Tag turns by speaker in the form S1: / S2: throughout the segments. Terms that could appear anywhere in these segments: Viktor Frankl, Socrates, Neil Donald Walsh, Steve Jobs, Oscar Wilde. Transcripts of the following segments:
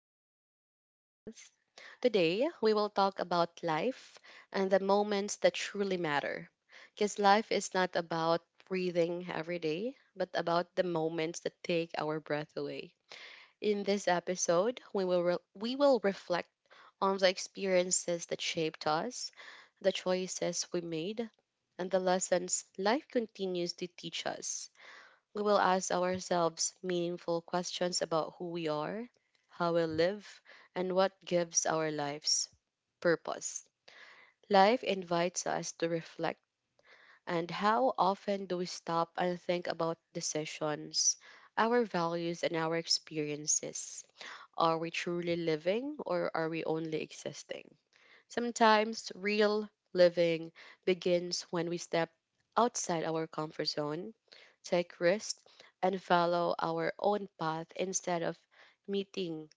S1: back to our podcast. Today, we will talk about life and the moments that truly matter. Because life is not about breathing every day, but about the moments that take our breath away. In this episode, we will reflect on the experiences that shaped us, the choices we made, and the lessons life continues to teach us. We will ask ourselves meaningful questions about who we are, how we live, and what gives our lives purpose. Life invites us to reflect, and how often do we stop and think about decisions, our values, and our experiences? Are we truly living or are we only existing? Sometimes real living begins when we step outside our comfort zone, take risks, and follow our own path instead of meeting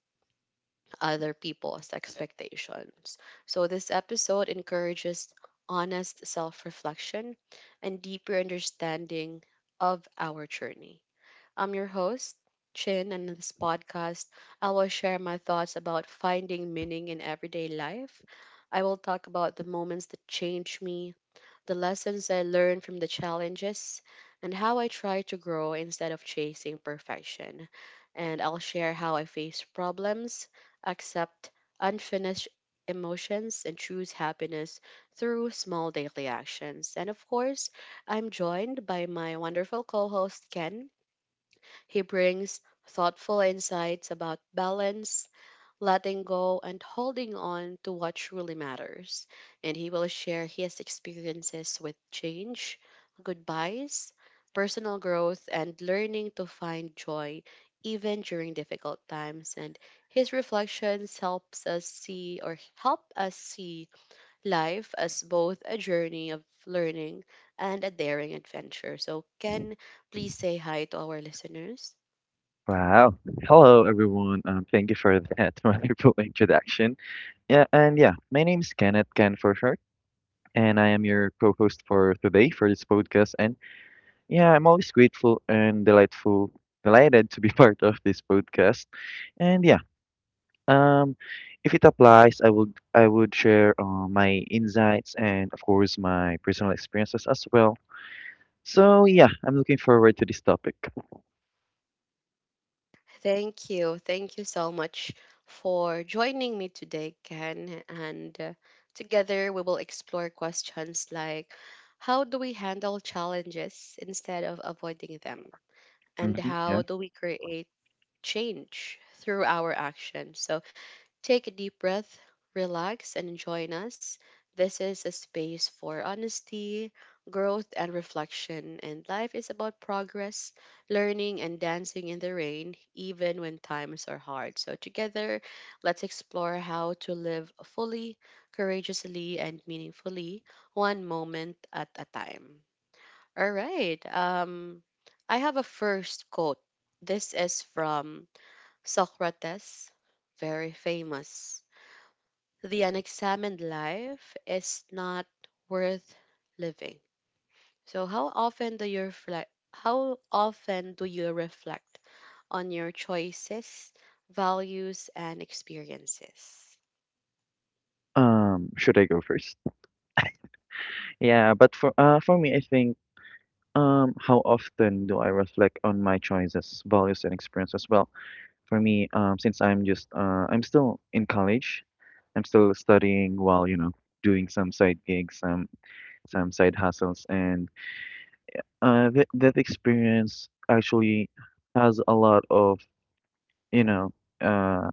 S1: other people's expectations. So, this episode encourages honest self reflection and deeper understanding of our journey. I'm your host, Chin, and in this podcast, I will share my thoughts about finding meaning in everyday life. I will talk about the moments that changed me, the lessons I learned from the challenges, and how I try to grow instead of chasing perfection. And I'll share how I face problems, accept unfinished emotions, and choose happiness through small daily actions. And of course, I'm joined by my wonderful co host, Ken. He brings thoughtful insights about balance, letting go, and holding on to what truly matters. And he will share his experiences with change, goodbyes, personal growth, and learning to find joy even during difficult times. And his reflections helps us see or help us see life as both a journey of learning and a daring adventure. So, Ken, please say hi to our listeners.
S2: Wow. Hello, everyone. Thank you for that wonderful introduction. Yeah, my name is Kenneth, Ken for short, and I am your co-host for today for this podcast. And yeah, I'm always grateful and delightful, delighted to be part of this podcast. And yeah, um, if it applies, I would share my insights and of course my personal experiences as well. So yeah, I'm looking forward to this topic.
S1: Thank you. Thank you so much for joining me today, Ken. And together we will explore questions like how do we handle challenges instead of avoiding them?
S2: hmm
S1: And
S2: yeah.
S1: how do we create change through our actions? So, take a deep breath, relax, and join us. This is a space for honesty, growth, and reflection. And life is about progress, learning, and dancing in the rain, even when times are hard. So, together, let's explore how to live fully, courageously, and meaningfully, one moment at a time. All right. I have a first quote. This is from Socrates, very famous: the unexamined life is not worth living. So how often do you reflect how often do you reflect on your choices, values and experiences?
S2: Should I go first? Yeah, but for me, I think how often do I reflect on my choices, values, and experiences? Well, for me, since I'm just I'm still in college, I'm still studying while, you know, doing some side gigs, some side hustles, and th that experience actually has a lot of, you know, uh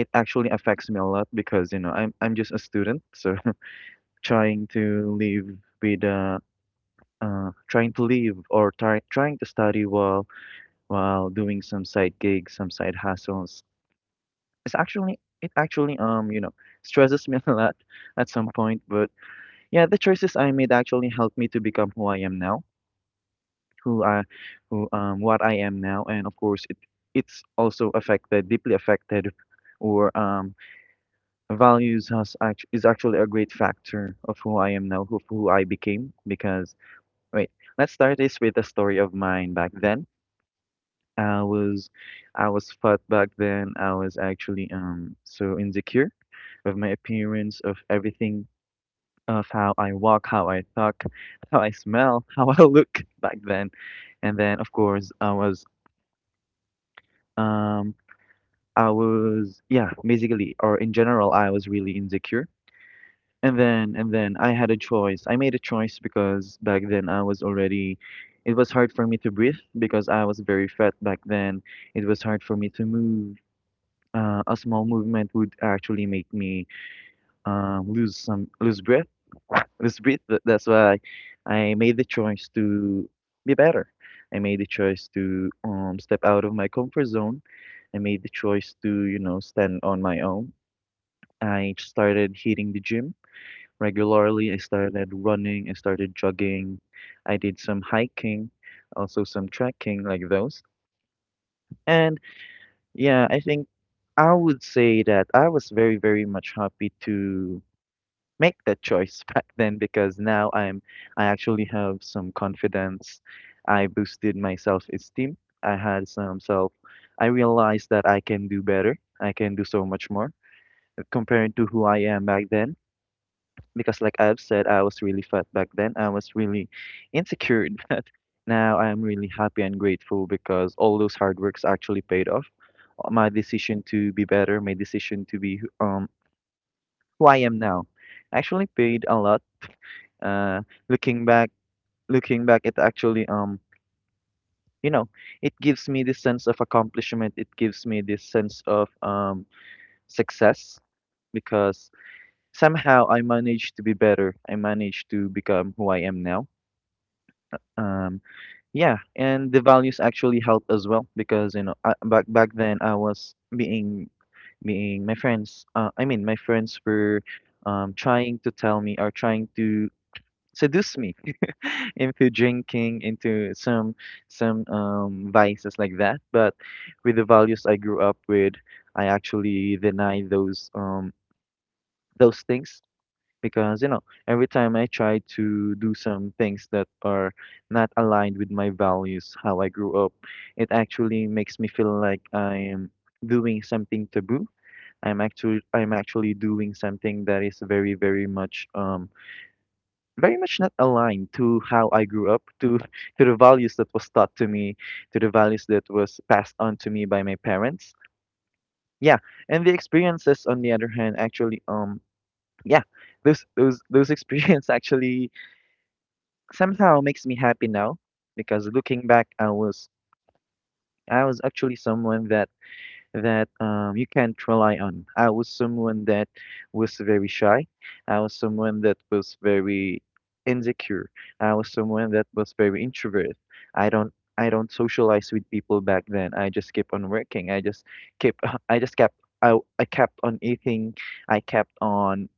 S2: it actually affects me a lot because, you know, I'm just a student, so trying to live with trying to live or trying to study while doing some side gigs, some side hustles. It actually you know stresses me a lot at some point. But yeah, the choices I made actually helped me to become who I am now, who I who what I am now, and of course it's also affected deeply affected. Or Values is actually a great factor of who I am now, who I became. Because wait, let's start this with a story of mine back then. I was I was fat back then. I was actually so insecure of my appearance, of everything, of how I walk, how I talk, how I smell, how I look back then. And then of course um I was basically or in general I was really insecure. And then I had a choice. I made a choice because back then I was already it was hard for me to breathe because I was very fat back then. It was hard for me to move a small movement would actually make me um, lose some lose breath lose breath. Th- that's why I made the choice to be better. I made the choice to, step out of my comfort zone. I made the choice to, you know, stand on my own. I started hitting the gym regularly. I started running. I started jogging. I did some hiking, also some trekking, like those. And yeah, I think I would say that I was very, very much happy to make that choice back then because now I'm I actually have some confidence. I boosted my self-esteem. I had some self I realized that I can do better. I can do so much more, compared to who I am back then because like I've said, I was really fat back then. I was really insecure, but now I am really happy and grateful because all those hard works actually paid off. My decision to be better, my decision to be who I am now, actually paid a lot. Uh, Looking back, looking back, it actually, you know, it gives me this sense of accomplishment. It gives me this sense of success because somehow I managed to be better. I managed to become who I am now. Um, Yeah, and the values actually help as well because you know back then I was being my friends. I mean my friends were, trying to tell me or trying to seduce me into drinking, into some vices like that. But with the values I grew up with, I actually deny those things because, you know, every time I try to do some things that are not aligned with my values, how I grew up, it actually makes me feel like I am doing something taboo. I'm actually doing something that is very much not aligned to how I grew up to, to the values that was taught to me, to the values that was passed on to me by my parents. Yeah. And the experiences on the other hand actually, yeah, those experience actually somehow makes me happy now because looking back, I was actually someone that you can't rely on. I was someone that was very shy. I was someone that was very insecure. I was someone that was very introvert. i don't I don't socialize with people back then. I just kept on working. I just kept I just kept I kept on eating. I kept on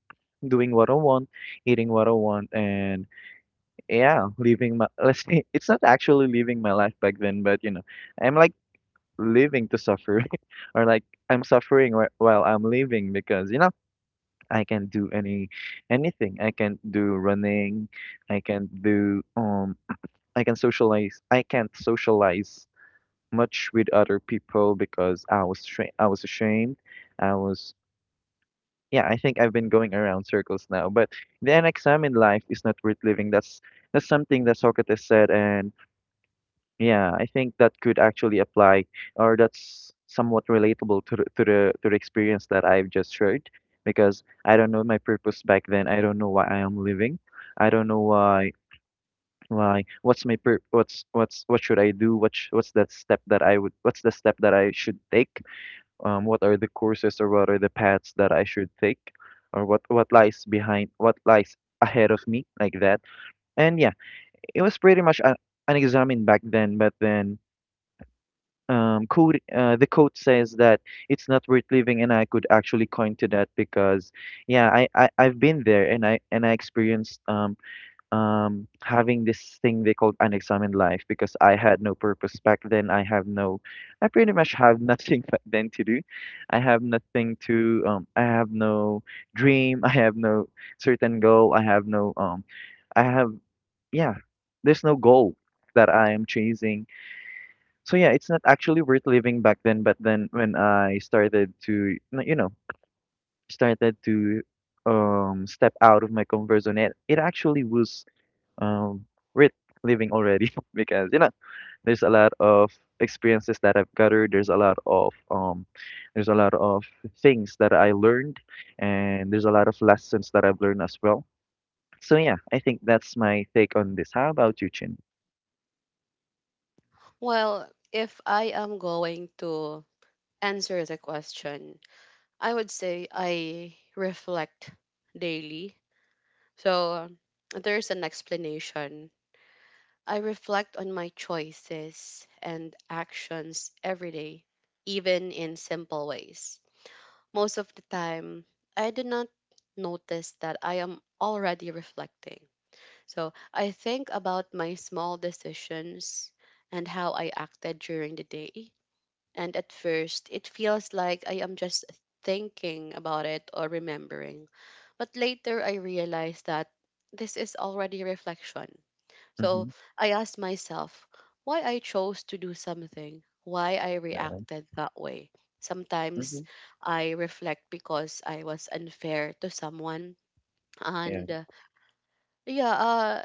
S2: doing what I want, eating what I want, and yeah, living my let's say it's not actually living my life back then, but you know, I'm like living to suffer, or like I'm suffering while I'm living because, you know, I can do any anything. I can do running. I can do, I can't socialize much with other people because I was ashamed. I was yeah. I think I've been going around circles now, but the unexamined life is not worth living. That's something that Socrates said. And yeah, I think that could actually apply, or that's somewhat relatable to the, to the to the experience that I've just shared. Because I don't know my purpose back then. I don't know why I am living. I don't know why what's my pur what's what should I do? What sh what's that step that I would What's the step that I should take? What are the courses or what are the paths that I should take, or what lies ahead of me, like that. And yeah, it was pretty much un unexamined back then. But then, code. The code says that it's not worth living, and I could actually coin to that because yeah, I, I've been there and I experienced, having this thing they called unexamined life because I had no purpose back then. I pretty much have nothing back then to do. I have no dream. I have no certain goal. I have no I have yeah There's no goal that I am chasing. So yeah, it's not actually worth living back then, but then when I started to, you know, started to, step out of my comfort zone, it actually was, um worth living already, because you know, there's a lot of experiences that I've gathered, there's a lot of, there's a lot of things that I learned, and there's a lot of lessons that I've learned as well. So yeah, I think that's my take on this. How about you, Chin?
S1: Well, if I am going to answer the question, I would say I reflect daily. So there's an explanation I reflect on my choices and actions every day, even in simple ways. Most of the time, I do not notice that I am already reflecting. So I think about my small decisions and how I acted during the day. And at first, it feels like I am just thinking about it or remembering. But later, I realize that this is already reflection so
S2: Mm-hmm.
S1: I asked myself why I chose to do something, why I
S2: Yeah.
S1: reacted that way.
S2: Mm-hmm.
S1: Sometimes I reflect because I was unfair to someone.
S2: Yeah.
S1: And yeah,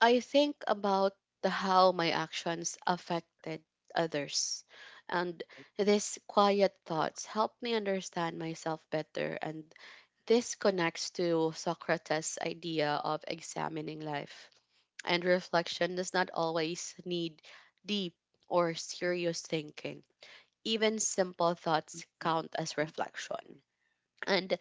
S1: I think about how my actions affected others. And these quiet thoughts help me understand myself better. And this connects to Socrates' idea of examining life and reflection does not always need deep or serious thinking. Even simple thoughts count as reflection. And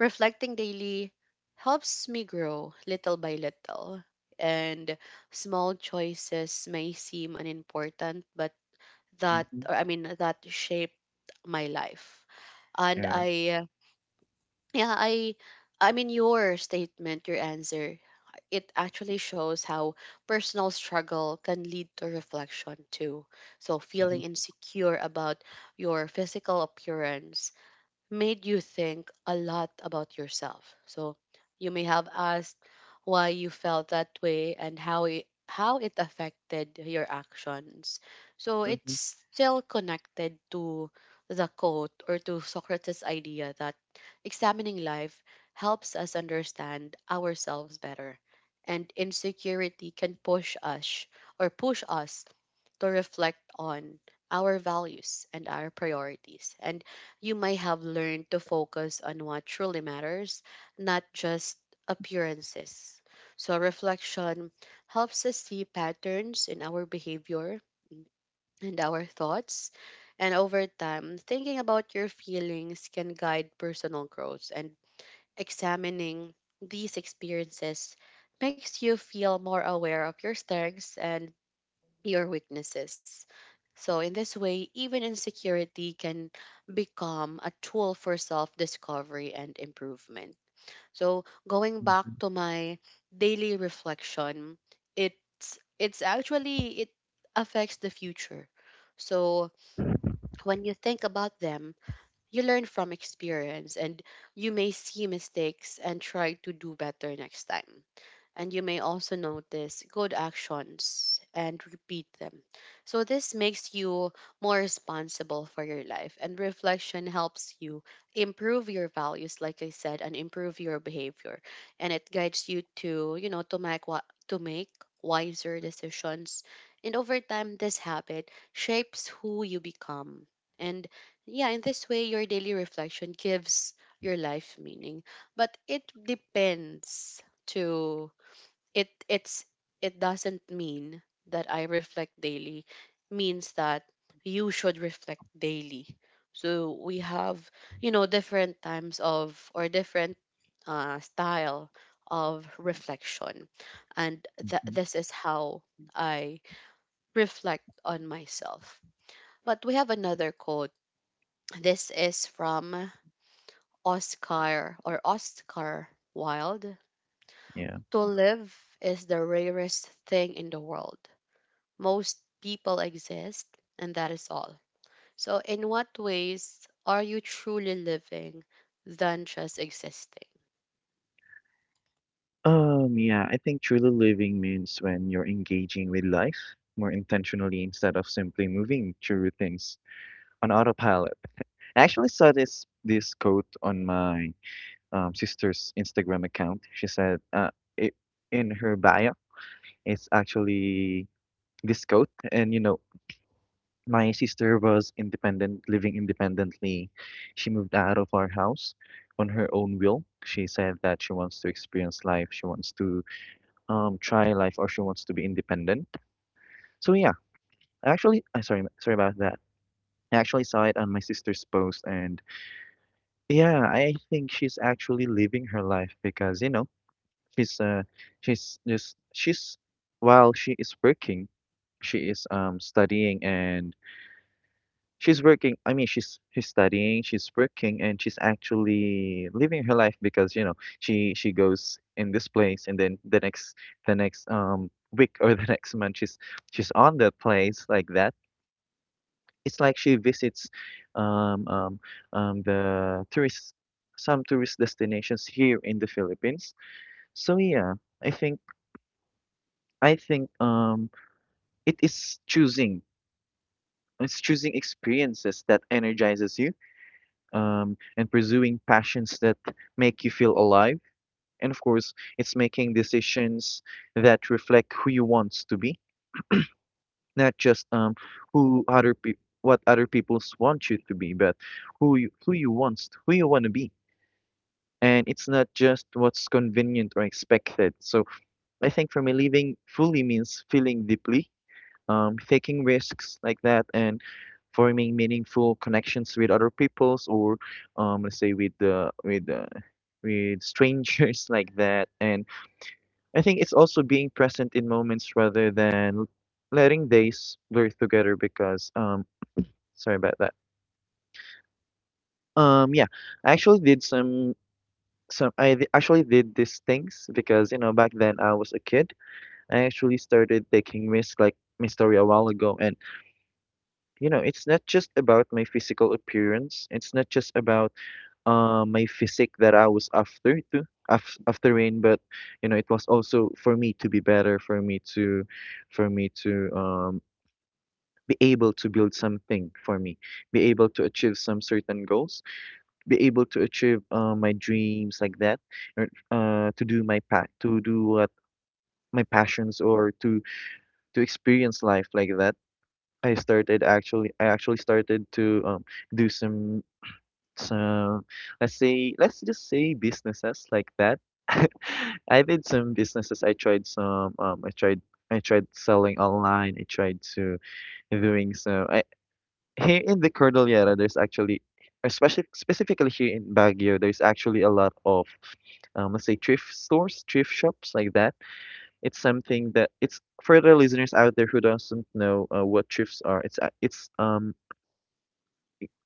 S1: reflecting daily helps me grow little by little. And small choices may seem unimportant, but that, or I
S2: Mhm.
S1: mean, that shaped my life. And yeah, I, I mean, your answer it actually shows how personal struggle can lead to reflection too. So, feeling
S2: Mhm,
S1: insecure about your physical appearance made you think a lot about yourself. So you may have asked why you felt that way and how it affected your actions. So
S2: mhm,
S1: it's still connected to the quote or to Socrates' idea that examining life helps us understand ourselves better. And insecurity can push us to reflect on our values and our priorities. And you might have learned to focus on what truly matters, not just appearances. So, reflection helps us see patterns in our behavior and our thoughts. And over time, thinking about your feelings can guide personal growth, and examining these experiences makes you feel more aware of your strengths and your weaknesses. So, in this way, even insecurity can become a tool for self discovery and improvement. So, going back
S2: mhm,
S1: to my daily reflection, it's, it affects the future. So, when you think about them, you learn from experience and you may see mistakes and try to do better next time and you may also notice good actions and repeat them. So, this makes you more responsible for your life, and reflection helps you improve your values, like I said, and improve your behavior. And it guides you to, you know, to make wiser decisions. And over time, this habit shapes who you become. And yeah, in this way, your daily reflection gives your life meaning. But it depends to it it's it doesn't mean that I reflect daily means that you should reflect daily. So we have, you know, different style of reflection, and th-
S2: mhm.
S1: this is how I reflect on myself. But we have another quote. This is from Oscar Wilde.
S2: Yeah.
S1: To live is the rarest thing in the world. Most people exist, and that is all. So, in what ways are you truly living than just existing?
S2: Yeah, I think truly living means when you're engaging with life more intentionally instead of simply moving through things on autopilot. I actually saw this quote on my, sister's Instagram account. She said, it, in her bio, it's actually this coat. And you know, my sister was independent, living independently. She moved out of our house on her own will. She said that she wants to experience life. She wants to, try life, or she wants to be independent. So yeah, I actually I sorry, sorry about that. I actually saw it on my sister's post, and yeah, I think she's actually living her life because you know, she's uh she's just she's while she is working, she is, studying, and she's studying, she's working, and she's actually living her life because, you know, she goes in this place and then the next, week or the next month she's on that place, like that. It's like she visits, um um the tourist some tourist destinations here in the Philippines. So yeah, I think I think, it is choosing. It's choosing experiences that energizes you, and pursuing passions that make you feel alive. And of course, it's making decisions that reflect who you want to be, not just, who other pe- what other people want you to be, but who you want to be. And it's not just what's convenient or expected. So I think for me, living fully means feeling deeply, taking risks like that and forming meaningful connections with other peoples. Or let's say with the with strangers like that. And I think it's also being present in moments rather than letting days blur together because sorry about that. Yeah, I actually did actually did these things because you know back then I was a kid. I actually started taking risks like my story a while ago. And you know, it's not just about my physical appearance, it's not just about my physique that I was after rain. But you know, it was also for me to be better, for me to, for me to be able to build something for me, be able to achieve some certain goals, be able to achieve my dreams like that. Or to do what my passions, or to experience life like that. I actually started to do some. So let's just say businesses like that. I've had some businesses. I tried some. I tried. I tried selling online. I tried to doing so. I, here in the Cordillera, there's actually, especially specifically here in Baguio, there's actually a lot of let's say thrift stores, thrift shops like that. It's something that, it's for the listeners out there who doesn't know what thrifts are. It's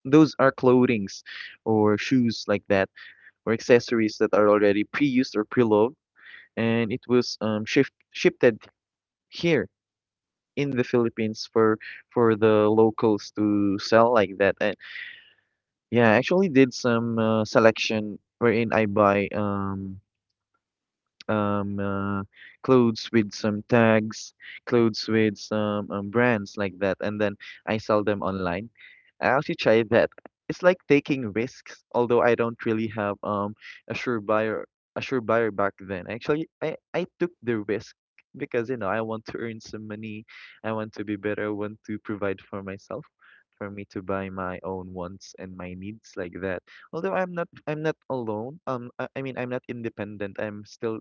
S2: those are clothings or shoes like that, or accessories that are already pre-used or pre-loved, and it was shifted here in the Philippines for the locals to sell like that. And yeah, I actually did some selection wherein I buy um, uh, clothes with some tags, clothes with some brands like that, and then I sell them online. I actually try that. It's like taking risks, although I don't really have a sure buyer a sure buyer back then. Actually, I took the risk because you know I want to earn some money, I want to be better, I want to provide for myself, for me to buy my own wants and my needs like that. Although I'm not alone. I mean I'm not independent. I'm still,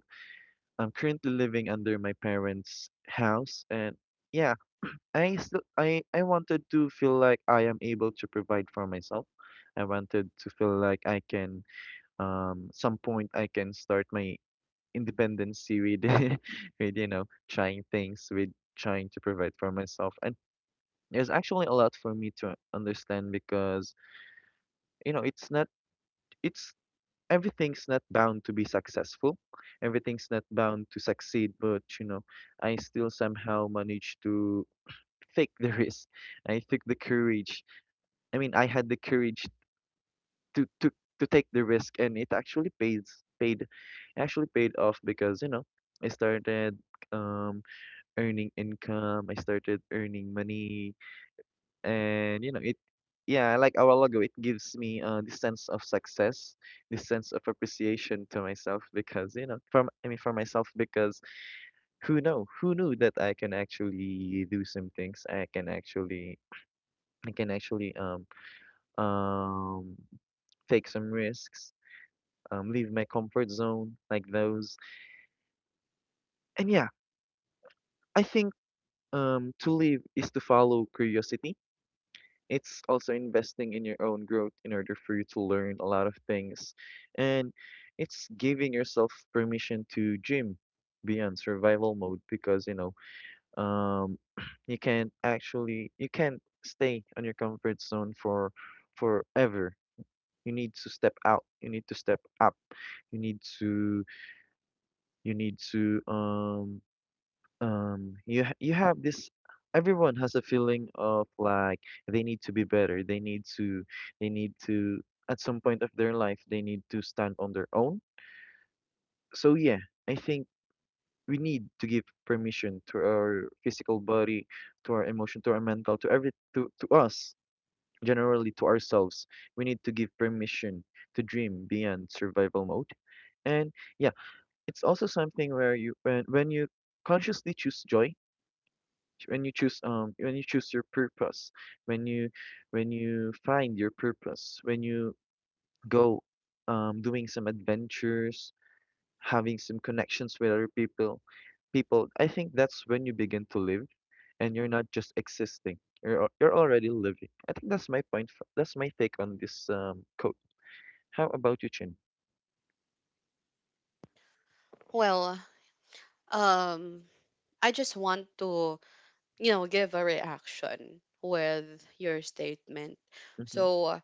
S2: I'm currently living under my parents' house. And yeah, I still I wanted to feel like I am able to provide for myself. I wanted to feel like I can, some point I can start my independency with with you know trying things, with trying to provide for myself. And there's actually a lot for me to understand because you know it's not it's everything's not bound to be successful. Everything's not bound to succeed, but you know, I still somehow managed to take the risk. I took the courage. I mean, I had the courage to to to take the risk, and it actually pays paid it actually paid off because you know I started um earning income. I started earning money. And you know, it yeah, I like our logo, it gives me this sense of success, this sense of appreciation to myself because, you know, from I mean for myself because who knew that I can actually do some things. I can actually um take some risks, leave my comfort zone like those. And yeah, I think to live is to follow curiosity. It's also investing in your own growth in order for you to learn a lot of things. And it's giving yourself permission to dream beyond survival mode because, you know, um, you can't actually, you can't stay on your comfort zone for forever. You need to step out. You need to step up. You need to, you need to, um, you you have this, everyone has a feeling of like they need to be better, they need to at some point of their life they need to stand on their own. So yeah, I think we need to give permission to our physical body, to our emotion, to our mental, to us generally, to ourselves. We need to give permission to dream beyond survival mode. And yeah, it's also something where when you consciously choose joy, when you choose your purpose, when you when you find your purpose, when you go doing some adventures, having some connections with other people, I think that's when you begin to live. And you're not just existing, you're already living. I think that's my that's my take on this quote. How about you, Chin?
S1: Well, um, I just want to, you know, give a reaction with your statement.
S2: mm-hmm,
S1: So,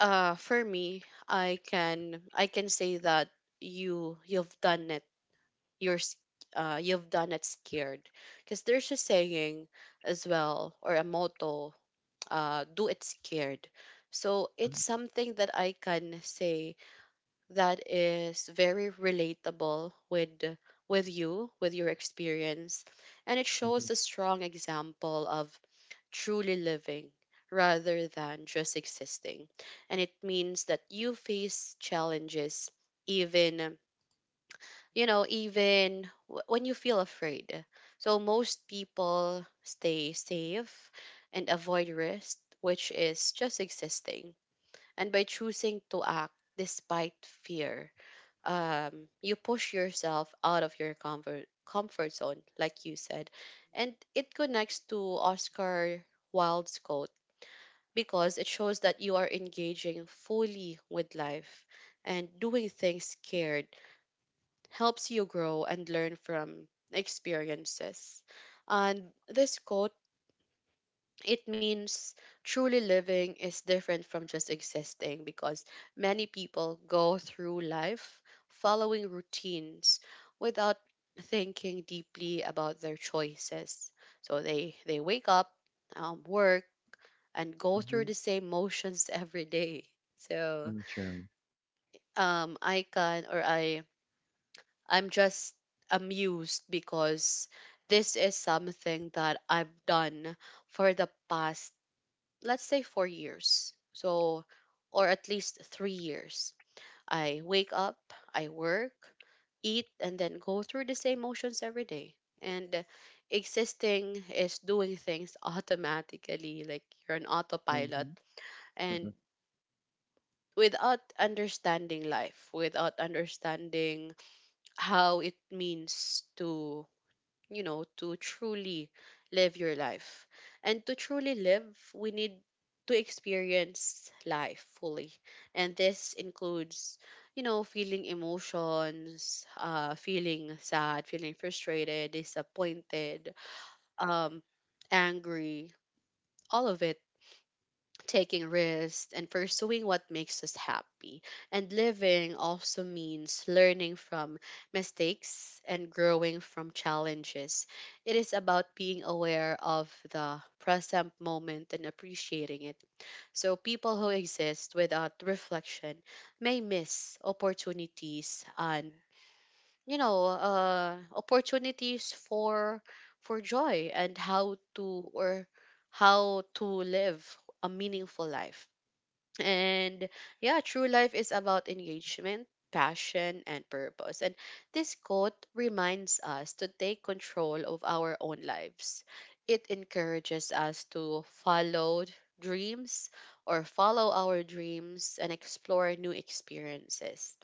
S1: for me, I can say that you've done it. You're s- you've done it scared, because there's a saying as well or a motto do it scared. So
S2: mm-hmm,
S1: it's something that I can say that is very relatable with you, with your experience, and it
S2: mm-hmm,
S1: shows a strong example of truly living rather than just existing. And it means that you face challenges even you know even when you feel afraid so most people stay safe and avoid risk which is just existing and by choosing to act despite fear you push yourself out of your comfort zone like you said and it connects to Oscar Wilde's quote because it shows that you are engaging fully with life and doing things scared helps you grow and learn from experiences. And this quote, it means truly living is different from just existing because many people go through life following routines without thinking deeply about their choices. So they wake up, work, and go through the same motions every day. So
S2: mm-hmm,
S1: I can or I'm just amused because this is something that I've done for the past, let's say, 4 years. So, or at least 3 years. I wake up, I work, eat, and then go through the same motions every day. And existing is doing things automatically, like you're an autopilot.
S2: mm-hmm,
S1: And without understanding life, without understanding how it means to to truly live your life. And to truly live, we need to experience life fully. And this includes, you know, feeling emotions, feeling sad, feeling frustrated, disappointed, um, angry, all of it taking risks, and pursuing what makes us happy. And living also means learning from mistakes and growing from challenges. It is about being aware of the present moment and appreciating it. So, people who exist without reflection may miss opportunities and opportunities for joy and how to live a meaningful life and yeah, true life is about engagement, passion, and purpose. And this quote reminds us to take control of our own lives. It encourages us to dreams follow our dreams and explore new experiences.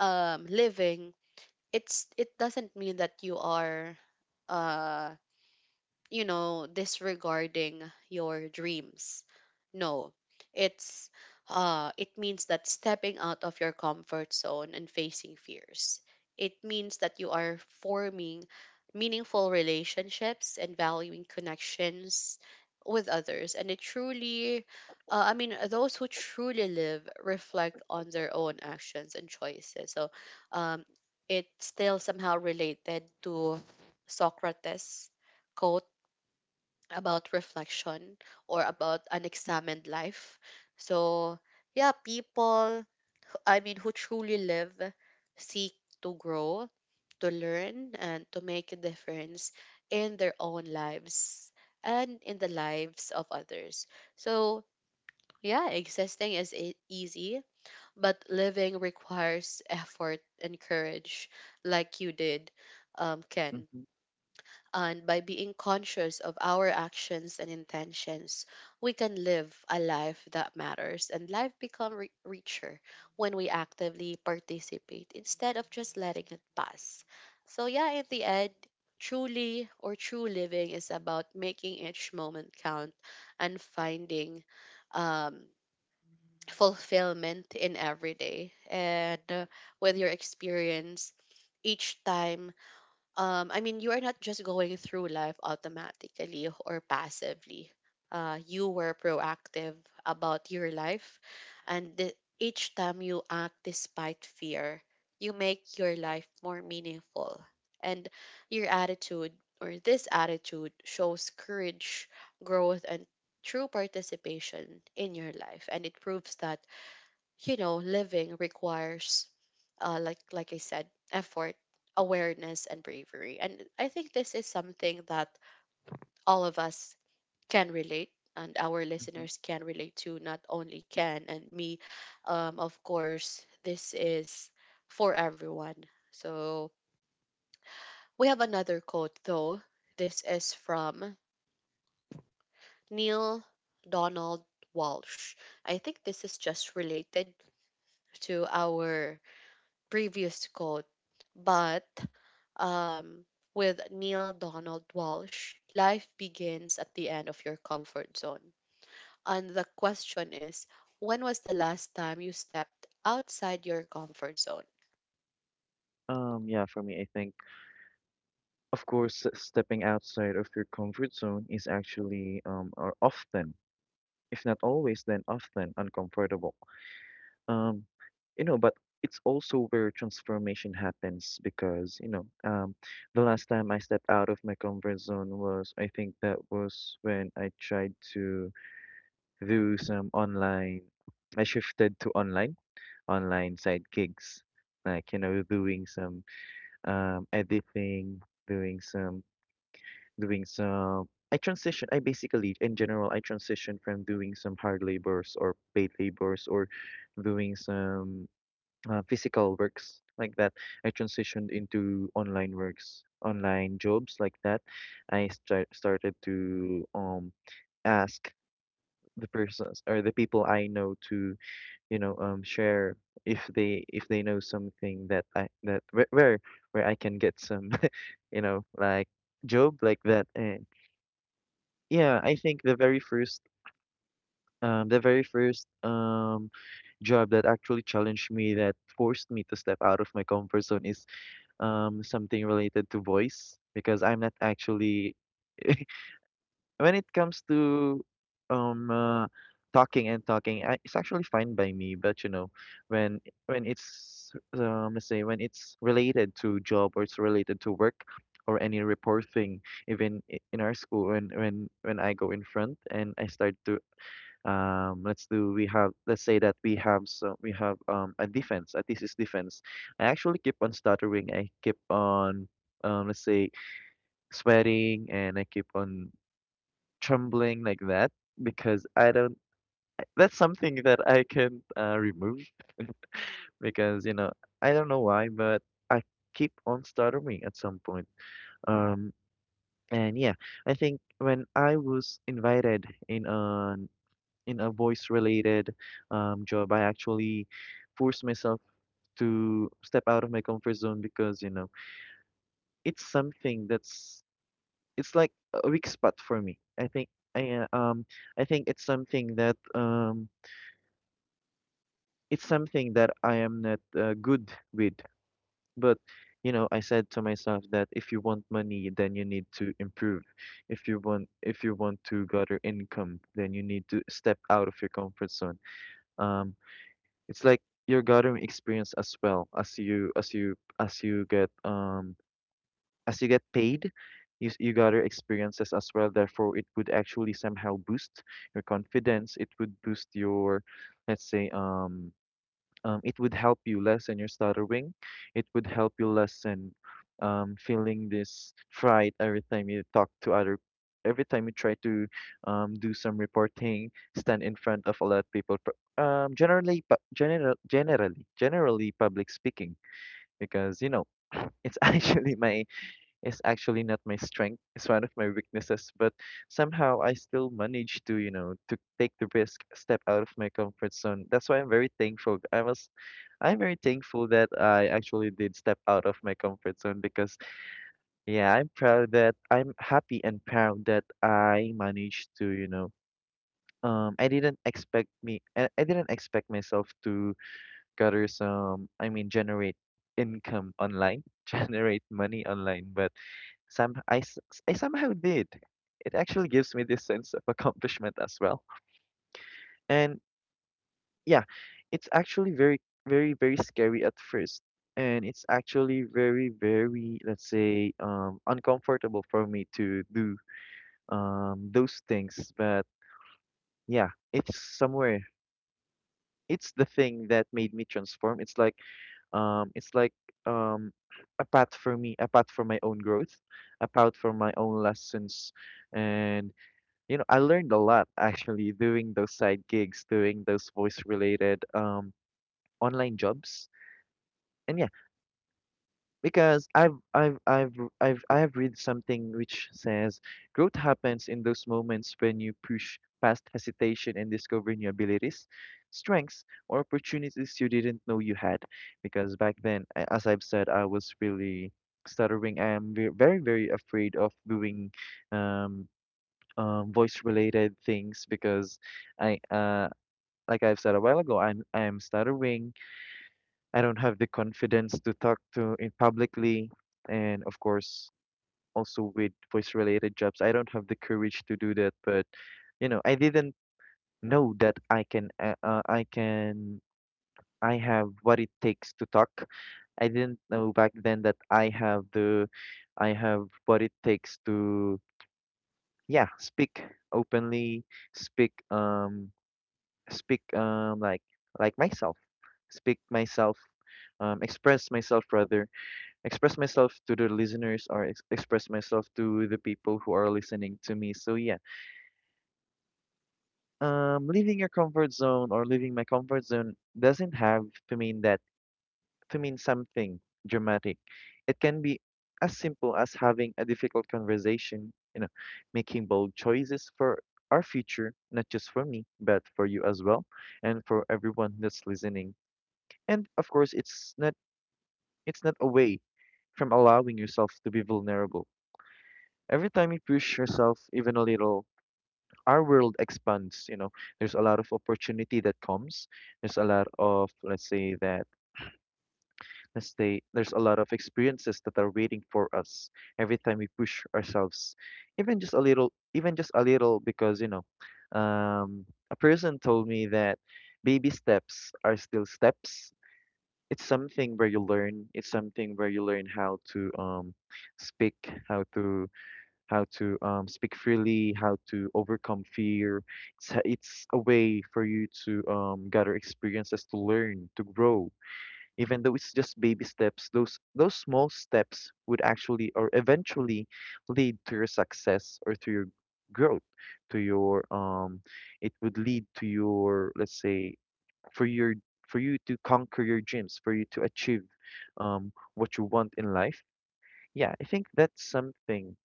S1: Living, it doesn't mean that you are uh disregarding your dreams. No, it's it means that stepping out of your comfort zone and facing fears. It means that you are forming meaningful relationships and valuing connections with others. And it truly, I mean, those who truly live reflect on their own actions and choices. So, um, it's still somehow related to Socrates' quote about reflection or about unexamined life. So, yeah, people, I mean, who truly live seek to grow, to learn, and to make a difference in their own lives and in the lives of others. So, yeah, existing is easy, but living requires effort and courage, like you did, Ken.
S2: mm-hmm.
S1: And by being conscious of our actions and intentions, we can live a life that matters and life become richer when we actively participate instead of just letting it pass. So yeah, in the end, truly or true living is about making each moment count and finding um fulfillment in every day and with your experience each time I mean, you are not just going through life automatically or passively. You were proactive about your life, and each time you act despite fear, you make your life more meaningful. And your attitude, or this attitude, shows courage, growth, and true participation in your life. And it proves that living requires, like I said, effort, awareness, and bravery. And I think this is something that all of us can relate, and our listeners can relate to. Not only Ken and me, of course, this is for everyone. So we have another quote though. This is from Neil Donald Walsh. I think this is just related to our previous quote, but um, with Neil Donald Walsh, life begins at the end of your comfort zone. And the question is, when was the last time you stepped outside your comfort zone?
S2: Yeah, for me, I think, of course, stepping outside of your comfort zone is actually or often, if not always, then often uncomfortable. Um, you know, but it's also where transformation happens because, you know, the last time I stepped out of my comfort zone was, I think that was when I tried to do some online, I shifted to online, online side gigs, like, you know, doing some editing, doing some doing some I transition I basically in general I transition from doing some hard labors or paid labors, or doing some physical works like that. I transitioned into online works, online jobs like that. Started to ask the persons or the people I know to, you know, share if they know something that I that where where I can get some you know like job like that. And yeah, I think the very first job that actually challenged me, that forced me to step out of my comfort zone is something related to voice because I'm not actually when it comes to um uh, talking and talking, I, it's actually fine by me. But you know, when when it's let's say when it's related to job or it's related to work, or any report thing, even in our school, when I go in front and I start to let's do we have, let's say that we have, so we have a defense. At least it's defense. I actually keep on stuttering. I keep on let's say sweating, and I keep on trembling like that because I don't. That's something that I can remove because you know I don't know why, but I keep on stuttering at some point. Um, and yeah, I think when I was invited in on in a voice-related job, I actually forced myself to step out of my comfort zone because, you know, it's something that's, it's like a weak spot for me. I think I think it's something that I am not good with. But you know, I said to myself that if you want money, then you need to improve. If you want to gather income, then you need to step out of your comfort zone. Um, It's like you're gathering experience as well as you as you as you get paid, you gather experiences as well. Therefore, it would actually somehow boost your confidence. It would boost your, let's say, it would help you lessen your stuttering. It would help you lessen feeling this fright every time you talk to other, every time you try to do some reporting, stand in front of a lot of people. Generally, generally public speaking, because you know, it's actually my is actually not my strength. It's one of my weaknesses, but somehow I still manage to, you know, to take the risk, step out of my comfort zone. That's why I'm very thankful. I'm very thankful that I actually did step out of my comfort zone because yeah, I'm proud that I'm happy and proud that I managed to, you know, I didn't expect myself to gather some, I mean, generate income online, generate money online, but some I, s- I somehow did. It actually gives me this sense of accomplishment as well. And yeah, it's actually very, very, very scary at first. And it's actually very, very, let's say, uncomfortable for me to do those things. But yeah, it's somewhere. It's the thing that made me transform. It's like, um, it's like um, a path for me, a path for my own growth, a path for my own lessons, and you know, I learned a lot actually doing those side gigs, doing those voice related online jobs. And yeah, because I have read something which says growth happens in those moments when you push past hesitation and discover new abilities, strengths, or opportunities you didn't know you had. Because back then, as I've said, I was really stuttering. I'm very afraid of doing um voice-related things because I, uh, like I've said a while ago, I'm stuttering. I don't have the confidence to talk to in publicly, and of course, also with voice-related jobs, I don't have the courage to do that. But you know, I didn't know that I have what it takes to talk. I didn't know back then that I have what it takes to, yeah, speak openly, speak speak like myself speak myself express myself rather, express myself to the listeners, or express myself to the people who are listening to me. So yeah, leaving your comfort zone, or leaving my comfort zone, doesn't have to mean that to mean something dramatic. It can be as simple as having a difficult conversation, you know, making bold choices for our future, not just for me but for you as well, and for everyone that's listening. And of course, it's not away from allowing yourself to be vulnerable. Every time you push yourself even a little, our world expands, you know. There's a lot of opportunity that comes. There's a lot of let's say that Let's say there's a lot of experiences that are waiting for us every time we push ourselves. Even just a little, because, you know, um a person told me that baby steps are still steps. It's something where you learn speak how to how to speak freely, how to overcome fear. It's a way for you to gather experiences, to learn, to grow. Even though it's just baby steps, those small steps would actually, or eventually, lead to your success, or to your growth, to your it would lead to your let's say for your for you to conquer your dreams, for you to achieve what you want in life. Yeah, I think that's something.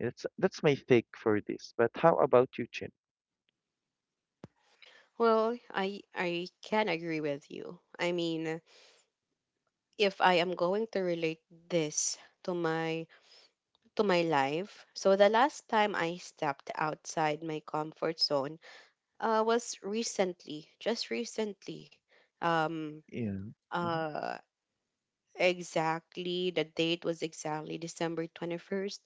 S2: That's my take for this. But how about you, Chin?
S1: Well, I can agree with you. I mean, if I am going to relate this to my life, so the last time I stepped outside my comfort zone uh, was recently, just recently. Um,
S2: Yeah. Mm-hmm.
S1: uh, exactly, the date was exactly December 21st.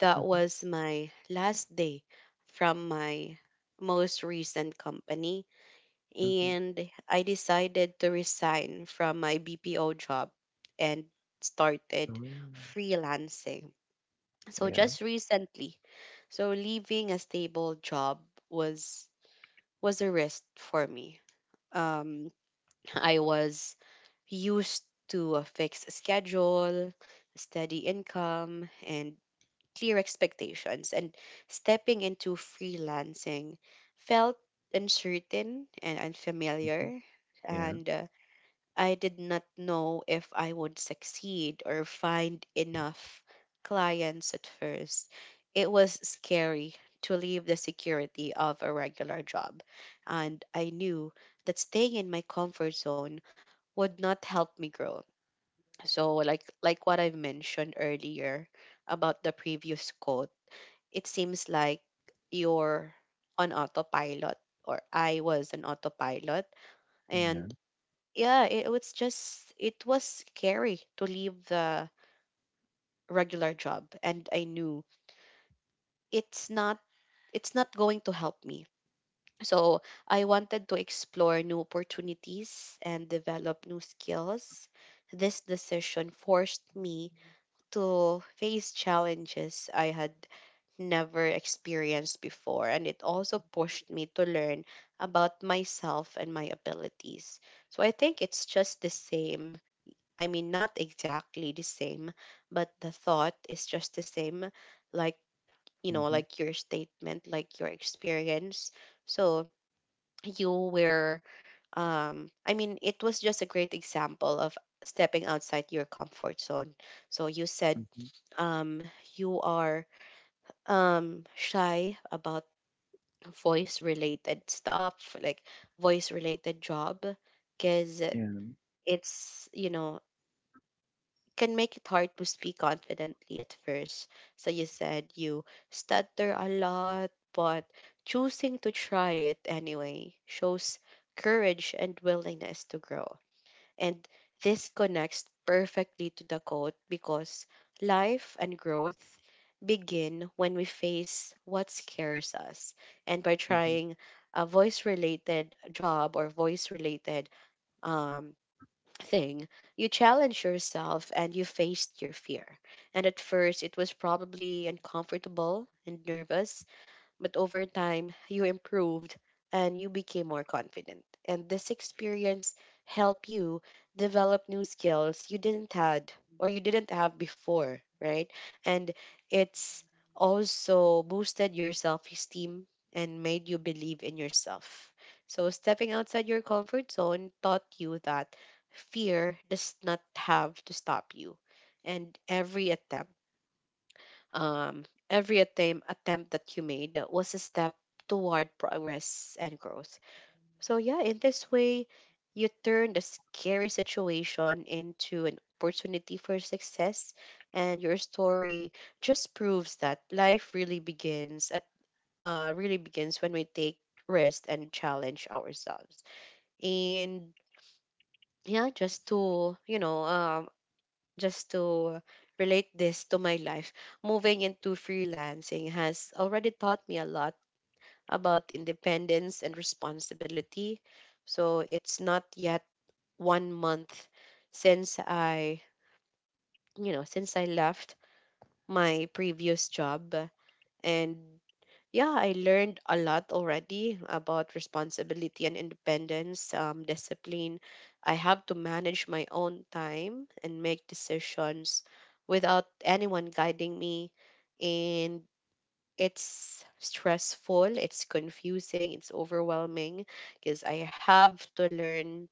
S1: That
S2: Mm-hmm.
S1: was my last day from my most recent company.
S2: Mm-hmm.
S1: And I decided to resign from my BPO job and started
S2: Oh.
S1: freelancing. So
S2: Yeah.
S1: just recently. So leaving a stable job was was a risk for me. Um I was used to a fixed schedule, steady income, and clear expectations. And stepping into freelancing felt uncertain and
S2: Mm-hmm.
S1: unfamiliar.
S2: Yeah.
S1: And I did not know if I would succeed or find enough clients at first. It was scary to leave the security of a regular job, and I knew that staying in my comfort zone would not help me grow. So like what I've mentioned earlier about the previous quote, it seems like you're on autopilot or I was an autopilot
S2: Yeah.
S1: and yeah, it was just it was scary to leave the regular job and I knew it's not it's not going to help me. So I wanted to explore new opportunities and develop new skills. This decision forced me to face challenges I had never experienced before, and it also pushed me to learn about myself and my abilities. So I think it's just the same. I mean, not exactly the same, but the thought is just the same, like,
S2: Mm-hmm.
S1: like your statement, like your experience. So you were, I mean, it was just a great example of stepping outside your comfort zone. So you said
S2: Mm-hmm.
S1: um, you are shy about voice related stuff, like voice related job, because
S2: Yeah.
S1: it's, you know, can make it hard to speak confidently at first. So you said you stutter a lot, but choosing to try it anyway shows courage and willingness to grow. And this connects perfectly to the quote because life and growth begin when we face what scares us. And by
S2: Mm-hmm.
S1: trying a voice related job or voice related um thing. You challenge yourself and you faced your fear. And at first, it was probably uncomfortable and nervous, but over time, you improved and you became more confident. And this experience helped you develop new skills you didn't had or you didn't have before, right? And it's also boosted your self-esteem and made you believe in yourself. So stepping outside your comfort zone taught you that fear does not have to stop you. And every attempt um, every attempt that you made was a step toward progress and growth. So, yeah, in this way, you turned a scary situation into an opportunity for success. And your story just proves that life really begins at really begins when we take risk and challenge ourselves. And yeah, just to just to relate this to my life, moving into freelancing has already taught me a lot about independence and responsibility. So it's not yet 1 month since I, since I left my previous job. And yeah, I learned a lot already about responsibility and independence, discipline. I have to manage my own time and make decisions without anyone guiding me. And it's stressful, it's confusing, it's overwhelming because I have to learn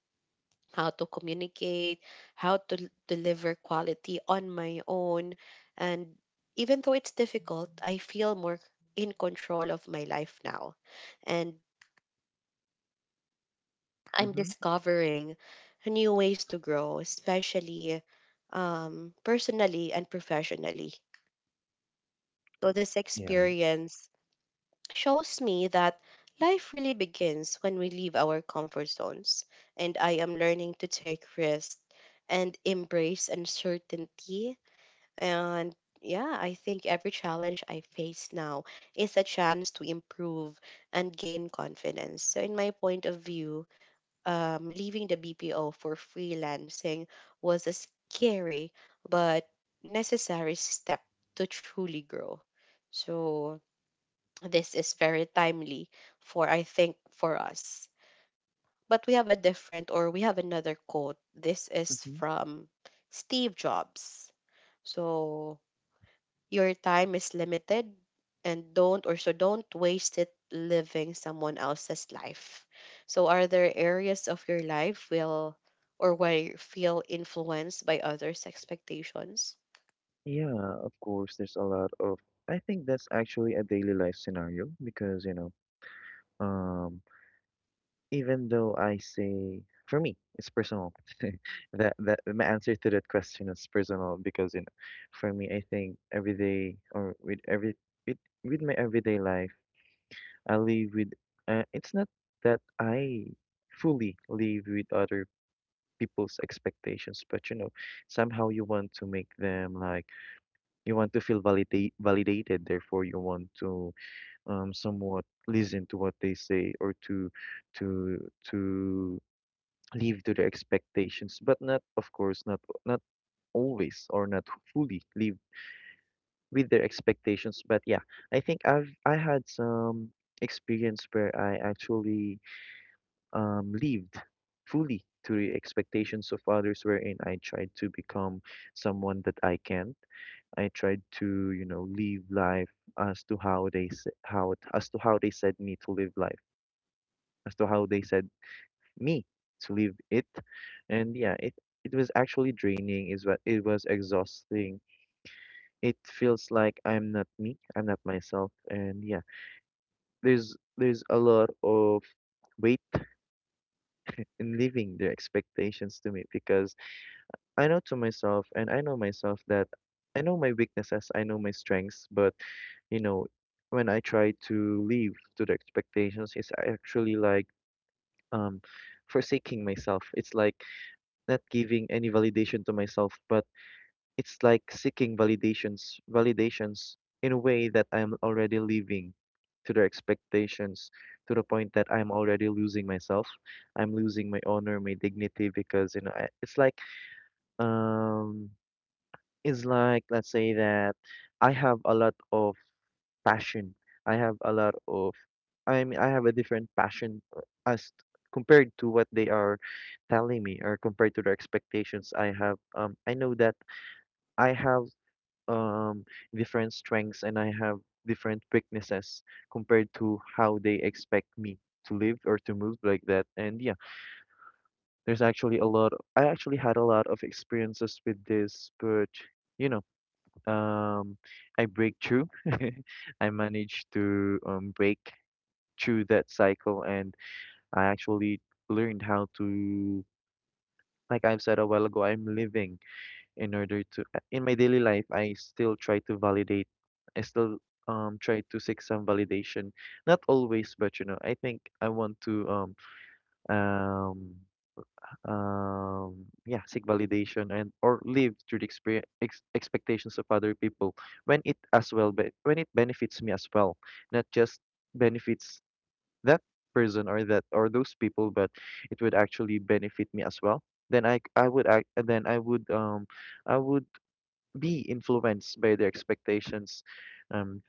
S1: how to communicate, how to l- deliver quality on my own. And even though it's difficult, I feel more in control of my life now. And I'm
S2: Mm-hmm.
S1: discovering new ways to grow, especially personally and professionally. So, this
S2: Yeah.
S1: experience shows me that life really begins when we leave our comfort zones. And I am learning to take risks and embrace uncertainty. And yeah, I think every challenge I face now is a chance to improve and gain confidence. So, in my point of view, leaving the BPO for freelancing was a scary but necessary step to truly grow. So, this is very timely for, I think, for us. But we have a different, or we have another quote. This is
S2: Mm-hmm.
S1: from Steve Jobs. So, your time is limited and don't or so don't waste it living someone else's life. So are there areas of your life will or where you feel influenced by others' expectations?
S2: Yeah. Of course, there's a lot of. I think that's actually a daily life scenario, because you know. Um, Even though I say, for me, it's personal. That my answer to that question is personal because you know, for me, I think every day, or with every, with with my everyday life, I live with. It's not that I fully live with other people's expectations, but you know, somehow you want to make them like, you want to feel validated. Therefore, you want to somewhat listen to what they say, or to, to live to the expectations, but not, of course not, not always, or not fully live with their expectations. But yeah, I think I had some experience where I actually lived fully to the expectations of others, wherein I tried to become someone that I can I tried to, you know, live life as to how they s- how as to how they said me to live life, as to how they said me to leave it. And yeah, it was actually draining, is what it was, exhausting. It feels like I'm not me, I'm not myself. And yeah, there's a lot of weight in leaving their expectations to me, because I know to myself, and I know myself, that I know my weaknesses, I know my strengths. But you know, when I try to live to the expectations, it's actually like um forsaking myself. It's like not giving any validation to myself. But it's like seeking validations in a way that I'm already living to their expectations, to the point that I'm already losing myself. I'm losing my honor, my dignity, because you know I, it's like um it's like, let's say that I have a lot of passion. I have a lot of I mean, I have a different passion, as compared to what they are telling me, or compared to their expectations. I have I know that I have um, different strengths, and I have different weaknesses compared to how they expect me to live, or to move like that. And yeah, there's actually a lot. I actually had a lot of experiences with this. But you know, um, I break through. I managed to break through that cycle. And I actually learned how to. Like I've said a while ago, I'm living in order to, in my daily life, I still try to validate, I still try to seek some validation, not always, but you know, I think I want to um yeah, seek validation, and or live through the expectations of other people, when it as well, but when it benefits me as well. Not just benefits that person, or that, or those people, but it would actually benefit me as well. Then I would I would be influenced by their expectations, um,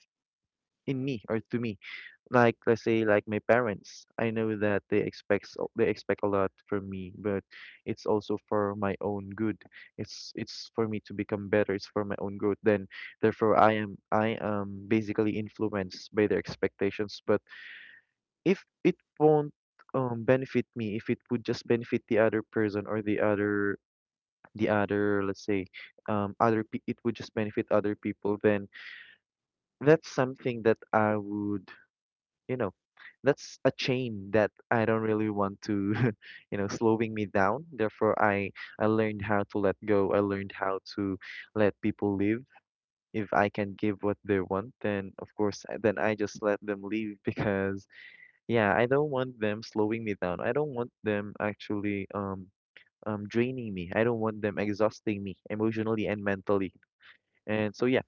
S2: in me, or to me. Like let's say, like my parents, I know that they expect a lot from me, but it's also for my own good. It's for me to become better. It's for my own growth. Then therefore I am basically influenced by their expectations. But if it won't benefit me, if it would just benefit the other person, or the other, the other let's say other pe- it would just benefit other people, then that's something that I would, you know, that's a chain that I don't really want to, you know, slowing me down. Therefore, I learned how to let go. I learned how to let people live. If I can give what they want, then of course, then I just let them leave because yeah, I don't want them slowing me down. I don't want them actually draining me. I don't want them exhausting me emotionally and mentally. And so yeah.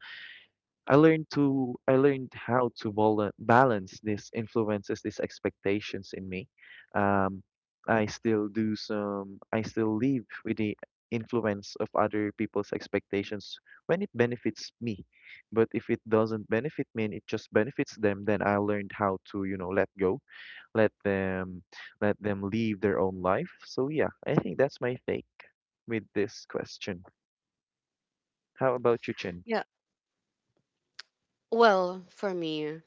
S2: I learned how to balance these influences, these expectations in me. Um, I still do some. I still live with the influence of other people's expectations when it benefits me. But if it doesn't benefit me, and it just benefits them, then I learned how to, you know, let go, let them, let them live their own life. So yeah, I think that's my take with this question. How about you, Chin?
S1: Yeah. Well, for me,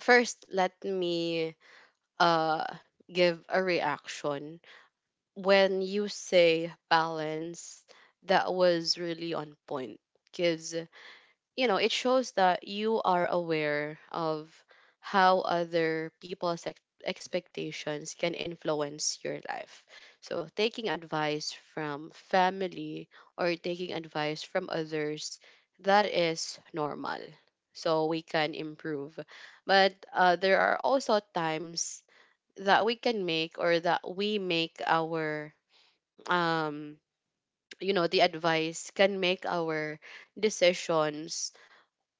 S1: first let me uh give a reaction. When you say balance, that was really on point. Cause you know, it shows that you are aware of how other people's ex- expectations can influence your life. So, taking advice from family or taking advice from others, that is normal. So, we can improve. But there are also times that we can make or that we make our, um, you know, the advice can make our decisions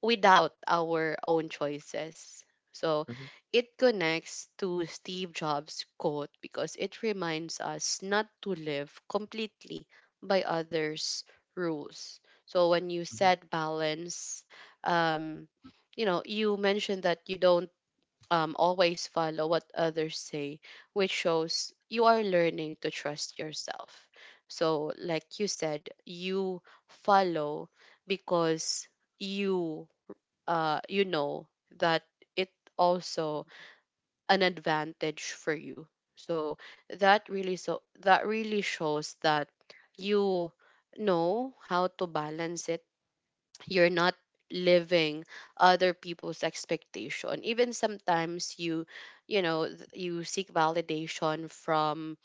S1: without our own choices. So
S2: Mhm,
S1: it connects to Steve Jobs' quote because it reminds us not to live completely by others' rules. So when you
S2: mhm.
S1: said balance, um, you know, you mentioned that you don't always follow what others say, which shows you are learning to trust yourself. So, like you said, you follow because you you know that it also an advantage for you. So that really shows that you know how to balance it. You're not living other people's expectation. Even sometimes th- you seek validation from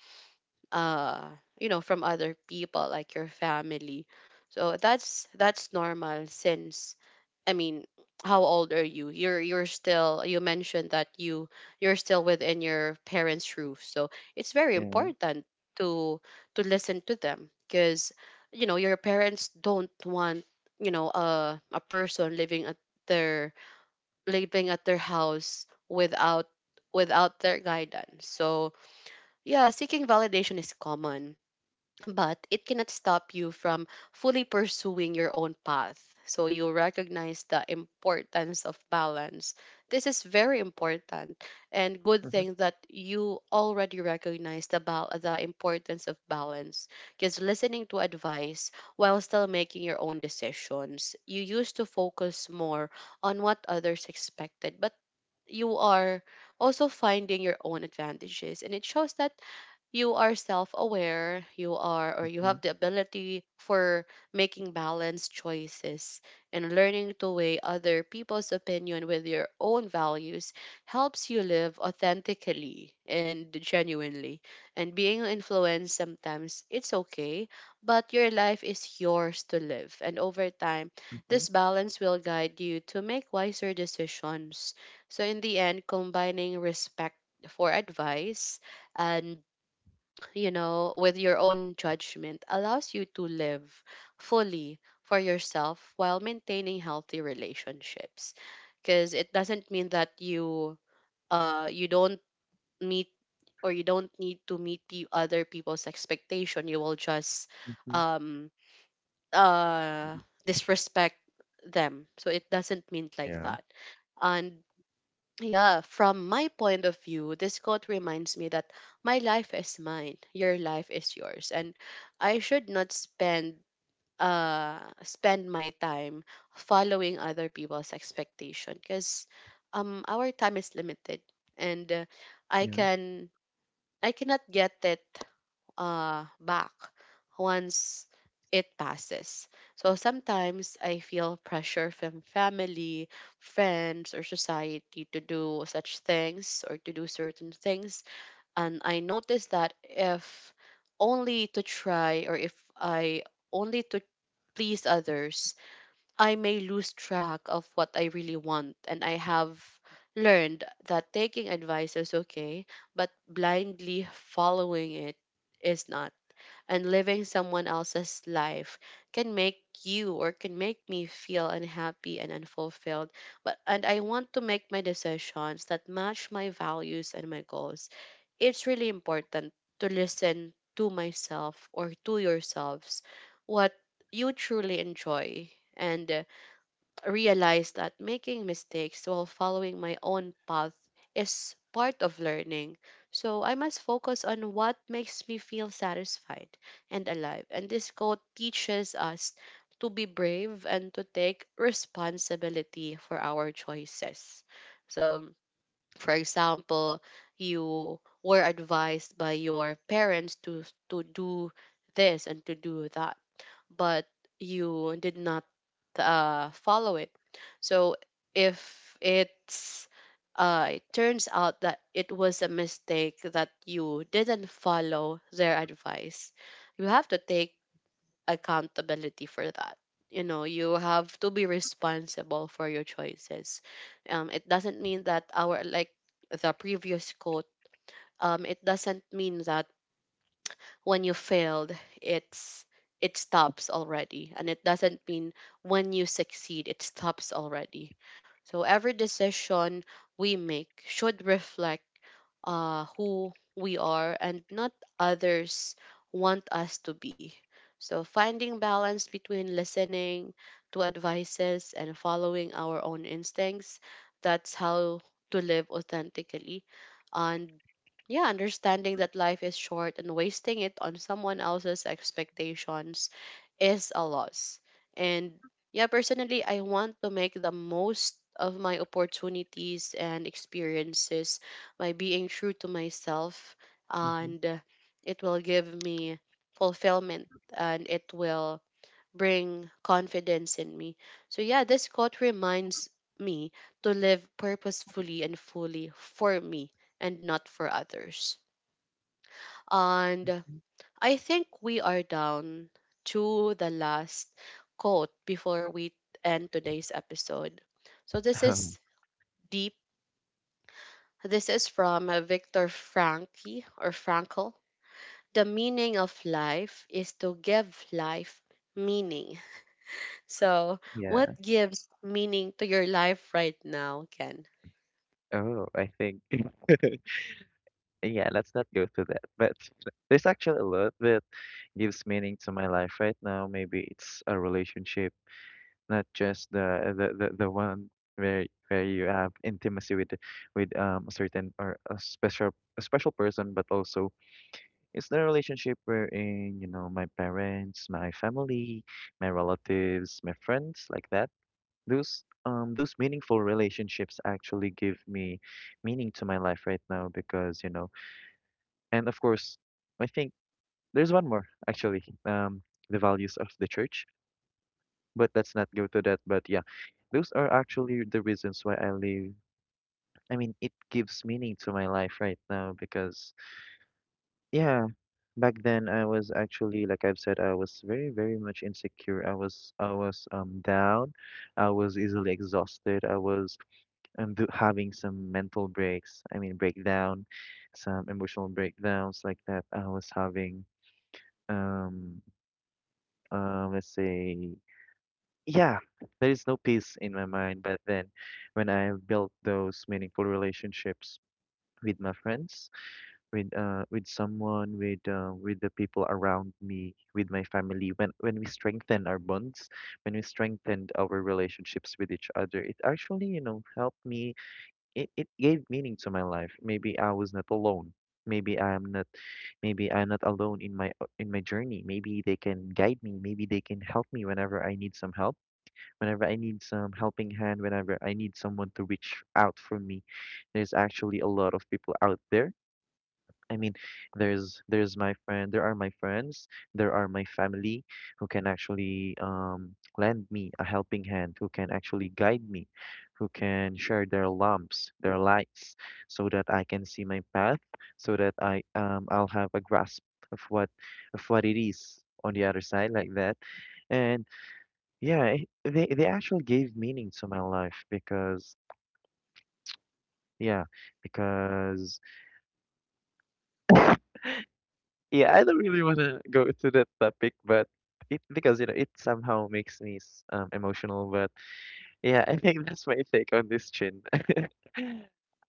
S1: uh you know from other people like your family. So that's normal since I mean, how old are you? You're still you mentioned that you're still within your parents' roof. So it's very
S2: Yeah.
S1: important to listen to them because you know your parents don't want you know a person their living at their house without their guidance. So yeah, seeking validation is common but it cannot stop you from fully pursuing your own path. So you recognize the importance of balance. This is very important and good
S2: Mhm,
S1: thing that you already recognize about the importance of balance because listening to advice while still making your own decisions, you used to focus more on what others expected, but you are also finding your own advantages and it shows that you are self-aware you are or you
S2: mhm,
S1: have the ability for making balanced choices and learning to weigh other people's opinion with your own values helps you live authentically and genuinely and being influenced sometimes it's okay but your life is yours to live and over time
S2: mhm,
S1: this balance will guide you to make wiser decisions so in the end combining respect for advice and, you know, with your own judgment allows you to live fully for yourself while maintaining healthy relationships. Because it doesn't mean that you don't meet or you don't need to meet the other people's expectation. You will just
S2: mhm.
S1: um uh disrespect them. So it doesn't mean like
S2: Yeah,
S1: that. And yeah, from my point of view, this quote reminds me that my life is mine, your life is yours, and I should not spend spend my time following other people's expectation because our time is limited and I
S2: yeah.
S1: can I cannot get it back once it passes. So sometimes I feel pressure from family, friends, or society to do such things or to do certain things. And I notice that if only to try or if I only to please others, I may lose track of what I really want. And I have learned that taking advice is okay, but blindly following it is not and living someone else's life can make you or can make me feel unhappy and unfulfilled. But and I want to make my decisions that match my values and my goals. It's really important to listen to myself or to yourselves what you truly enjoy and realized that making mistakes while following my own path is part of learning. So I must focus on what makes me feel satisfied and alive. And this quote teaches us to be brave and to take responsibility for our choices. So, for example, you were advised by your parents to do this and to do that but you did not follow it. So if it turns out that it was a mistake that you didn't follow their advice, you have to take accountability for that. You have to be responsible for your choices. It doesn't mean that our like the previous quote. It doesn't mean that when you failed it's it stops already, and it doesn't mean when you succeed it stops already. So every decision we make should reflect who we are and not others want us to be. So, finding balance between listening to advices and following our own instincts, that's how to live authentically. And yeah, understanding that life is short and wasting it on someone else's expectations is a loss. And yeah, personally, I want to make the most of my opportunities and experiences by being true to myself
S2: Mhm,
S1: and it will give me fulfillment and it will bring confidence in me. So yeah, this quote reminds me to live purposefully and fully for me and not for others. And
S2: mhm.
S1: I think we are down to the last quote before we end today's episode. So this
S2: Oh,
S1: is deep. This is from Viktor Frankl or Frankl, the meaning of life is to give life meaning. So,
S2: yeah.
S1: what gives meaning to your life right now, Ken?
S2: Oh, I think yeah, let's not go through that. But there's actually a lot that gives meaning to my life right now. Maybe it's a relationship, not just the one where you have intimacy with a certain, or a special, a special person, but also it's the relationship wherein, you know, my parents, my family, my relatives, my friends, like that. Those meaningful relationships actually give me meaning to my life right now, because you know, and of course, I think there's one more actually, the values of the church, but let's not go to that. But yeah, those are actually the reasons why I live. I mean, it gives meaning to my life right now because, yeah, back then I was actually, like I've said, I was very, very much insecure. I was down. I was easily exhausted. I was do having some mental breaks. I mean, breakdown, some emotional breakdowns like that. I was having um. Let's say, yeah, there is no peace in my mind back then. When I built those meaningful relationships with my friends, with uh, with someone, with the people around me, with my family. When we strengthen our bonds, when we strengthened our relationships with each other, it actually, you know, helped me. It gave meaning to my life. Maybe I was not alone. Maybe I am not Maybe I'm not alone in my, in my journey. Maybe they can guide me. Maybe they can help me whenever I need some help. Whenever I need some helping hand, whenever I need someone to reach out for me, there's actually a lot of people out there. I mean, there are my friends, there are my family, who can actually lend me a helping hand, who can actually guide me, who can share their lamps, their lights, so that I can see my path, so that I I'll have a grasp of what of what it is on the other side, like that. And yeah, they actually gave meaning to my life, yeah, because yeah, I don't really want to go to that topic, but it, because you know, it somehow makes me emotional. But yeah, I think that's my take on this, Chin.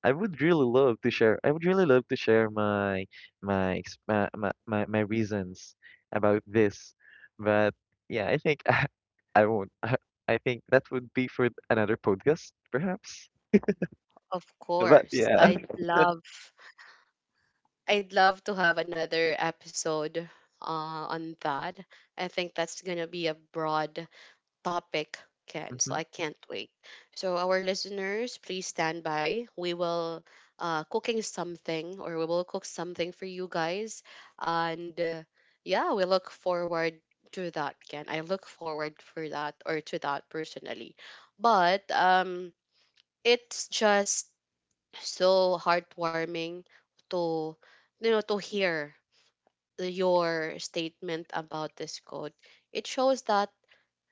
S2: I would really love to share. I would really love to share my, my reasons about this, but yeah, I think I won't. I think that would be for another podcast, perhaps.
S1: Of
S2: But
S1: course,
S2: yeah.
S1: I'd love to have another episode on that. I think that's gonna be a broad topic, can. So
S2: Mhm,
S1: I can't wait. So our listeners, please stand by. We will cooking something, or we will cook something for you guys, and yeah, we look forward to that. Ken. I look forward for that or to that personally? But it's just so heartwarming to to hear your statement about this code. It shows that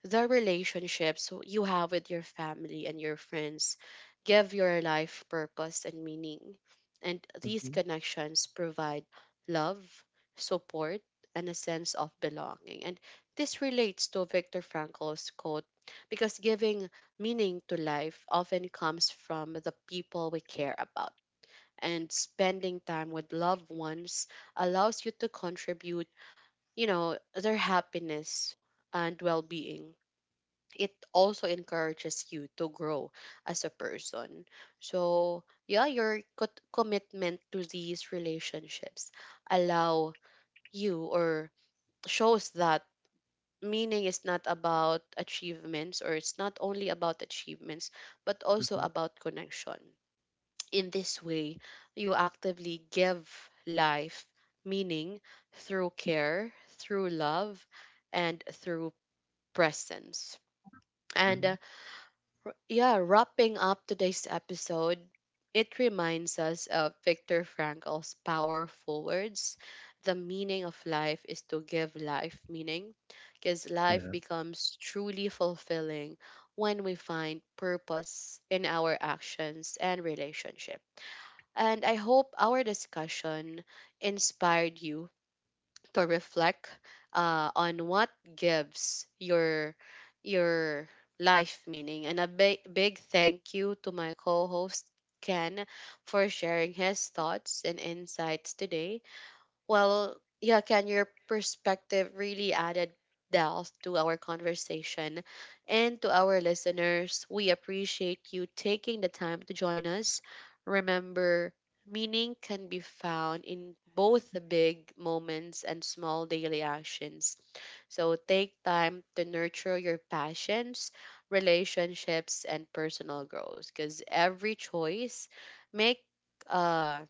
S1: the relationships you have with your family and your friends give your life purpose and meaning. And these
S2: mhm,
S1: connections provide love, support, and a sense of belonging. And this relates to Viktor Frankl's quote because giving meaning to life often comes from the people we care about. And spending time with loved ones allows you to contribute, their happiness and well being. It also encourages you to grow as a person. So, yeah, your commitment to these relationships allow you or shows that meaning is not about achievements or it's not only about achievements but also
S2: mhm,
S1: about connection. In this way, you actively give life meaning through care, through love, and through presence. And
S2: mhm.
S1: uh, Yeah, wrapping up today's episode, it reminds us of Viktor Frankl's powerful words, the meaning of life is to give life meaning, because life
S2: Yeah.
S1: becomes truly fulfilling when we find purpose in our actions and relationship. And I hope our discussion inspired you to reflect on what gives your life meaning. And a big big thank you to my co-host Ken for sharing his thoughts and insights today. Well, yeah, can, your perspective really added depth to our conversation and to our listeners. We appreciate you taking the time to join us. Remember, meaning can be found in both the big moments and small daily actions. So take time to nurture your passions, relationships, and personal growth because make uh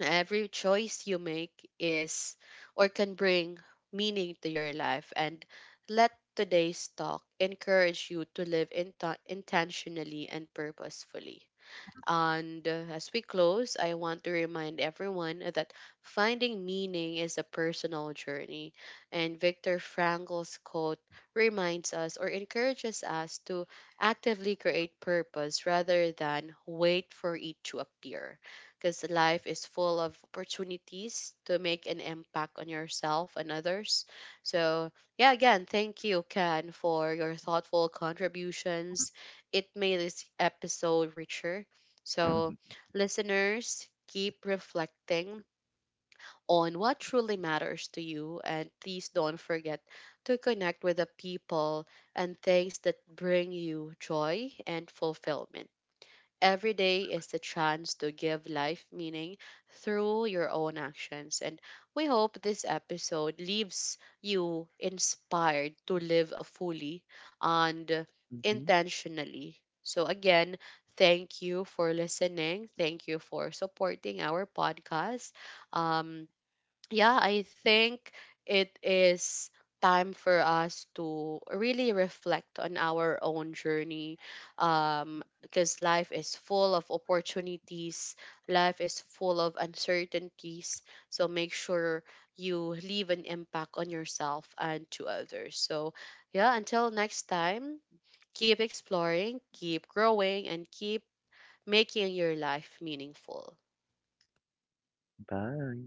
S1: every choice you make is or can bring meaning to your life, and let today's talk encourage you to live in intentionally and purposefully. And as we close, I want to remind everyone that finding meaning is a personal journey. And Viktor Frankl's quote reminds us or encourages us to actively create purpose rather than wait for it to appear. Because life is full of opportunities to make an impact on yourself and others. So, yeah, again, thank you, Ken, for your thoughtful contributions. It made this episode richer. So, listeners, keep reflecting on what truly matters to you and please don't forget to connect with the people and things that bring you joy and fulfillment. Every day is the chance to give life meaning through your own actions. And we hope this episode leaves you inspired to live fully and
S2: Mhm.
S1: intentionally. So, again, thank you for listening. Thank you for supporting our podcast. Um, yeah, I think it is time for us to really reflect on our own journey because life is full of opportunities, life is full of uncertainties, so make sure you leave an impact on yourself and to others. So yeah, until next time, keep exploring, keep growing, and keep making your life meaningful.
S2: Bye.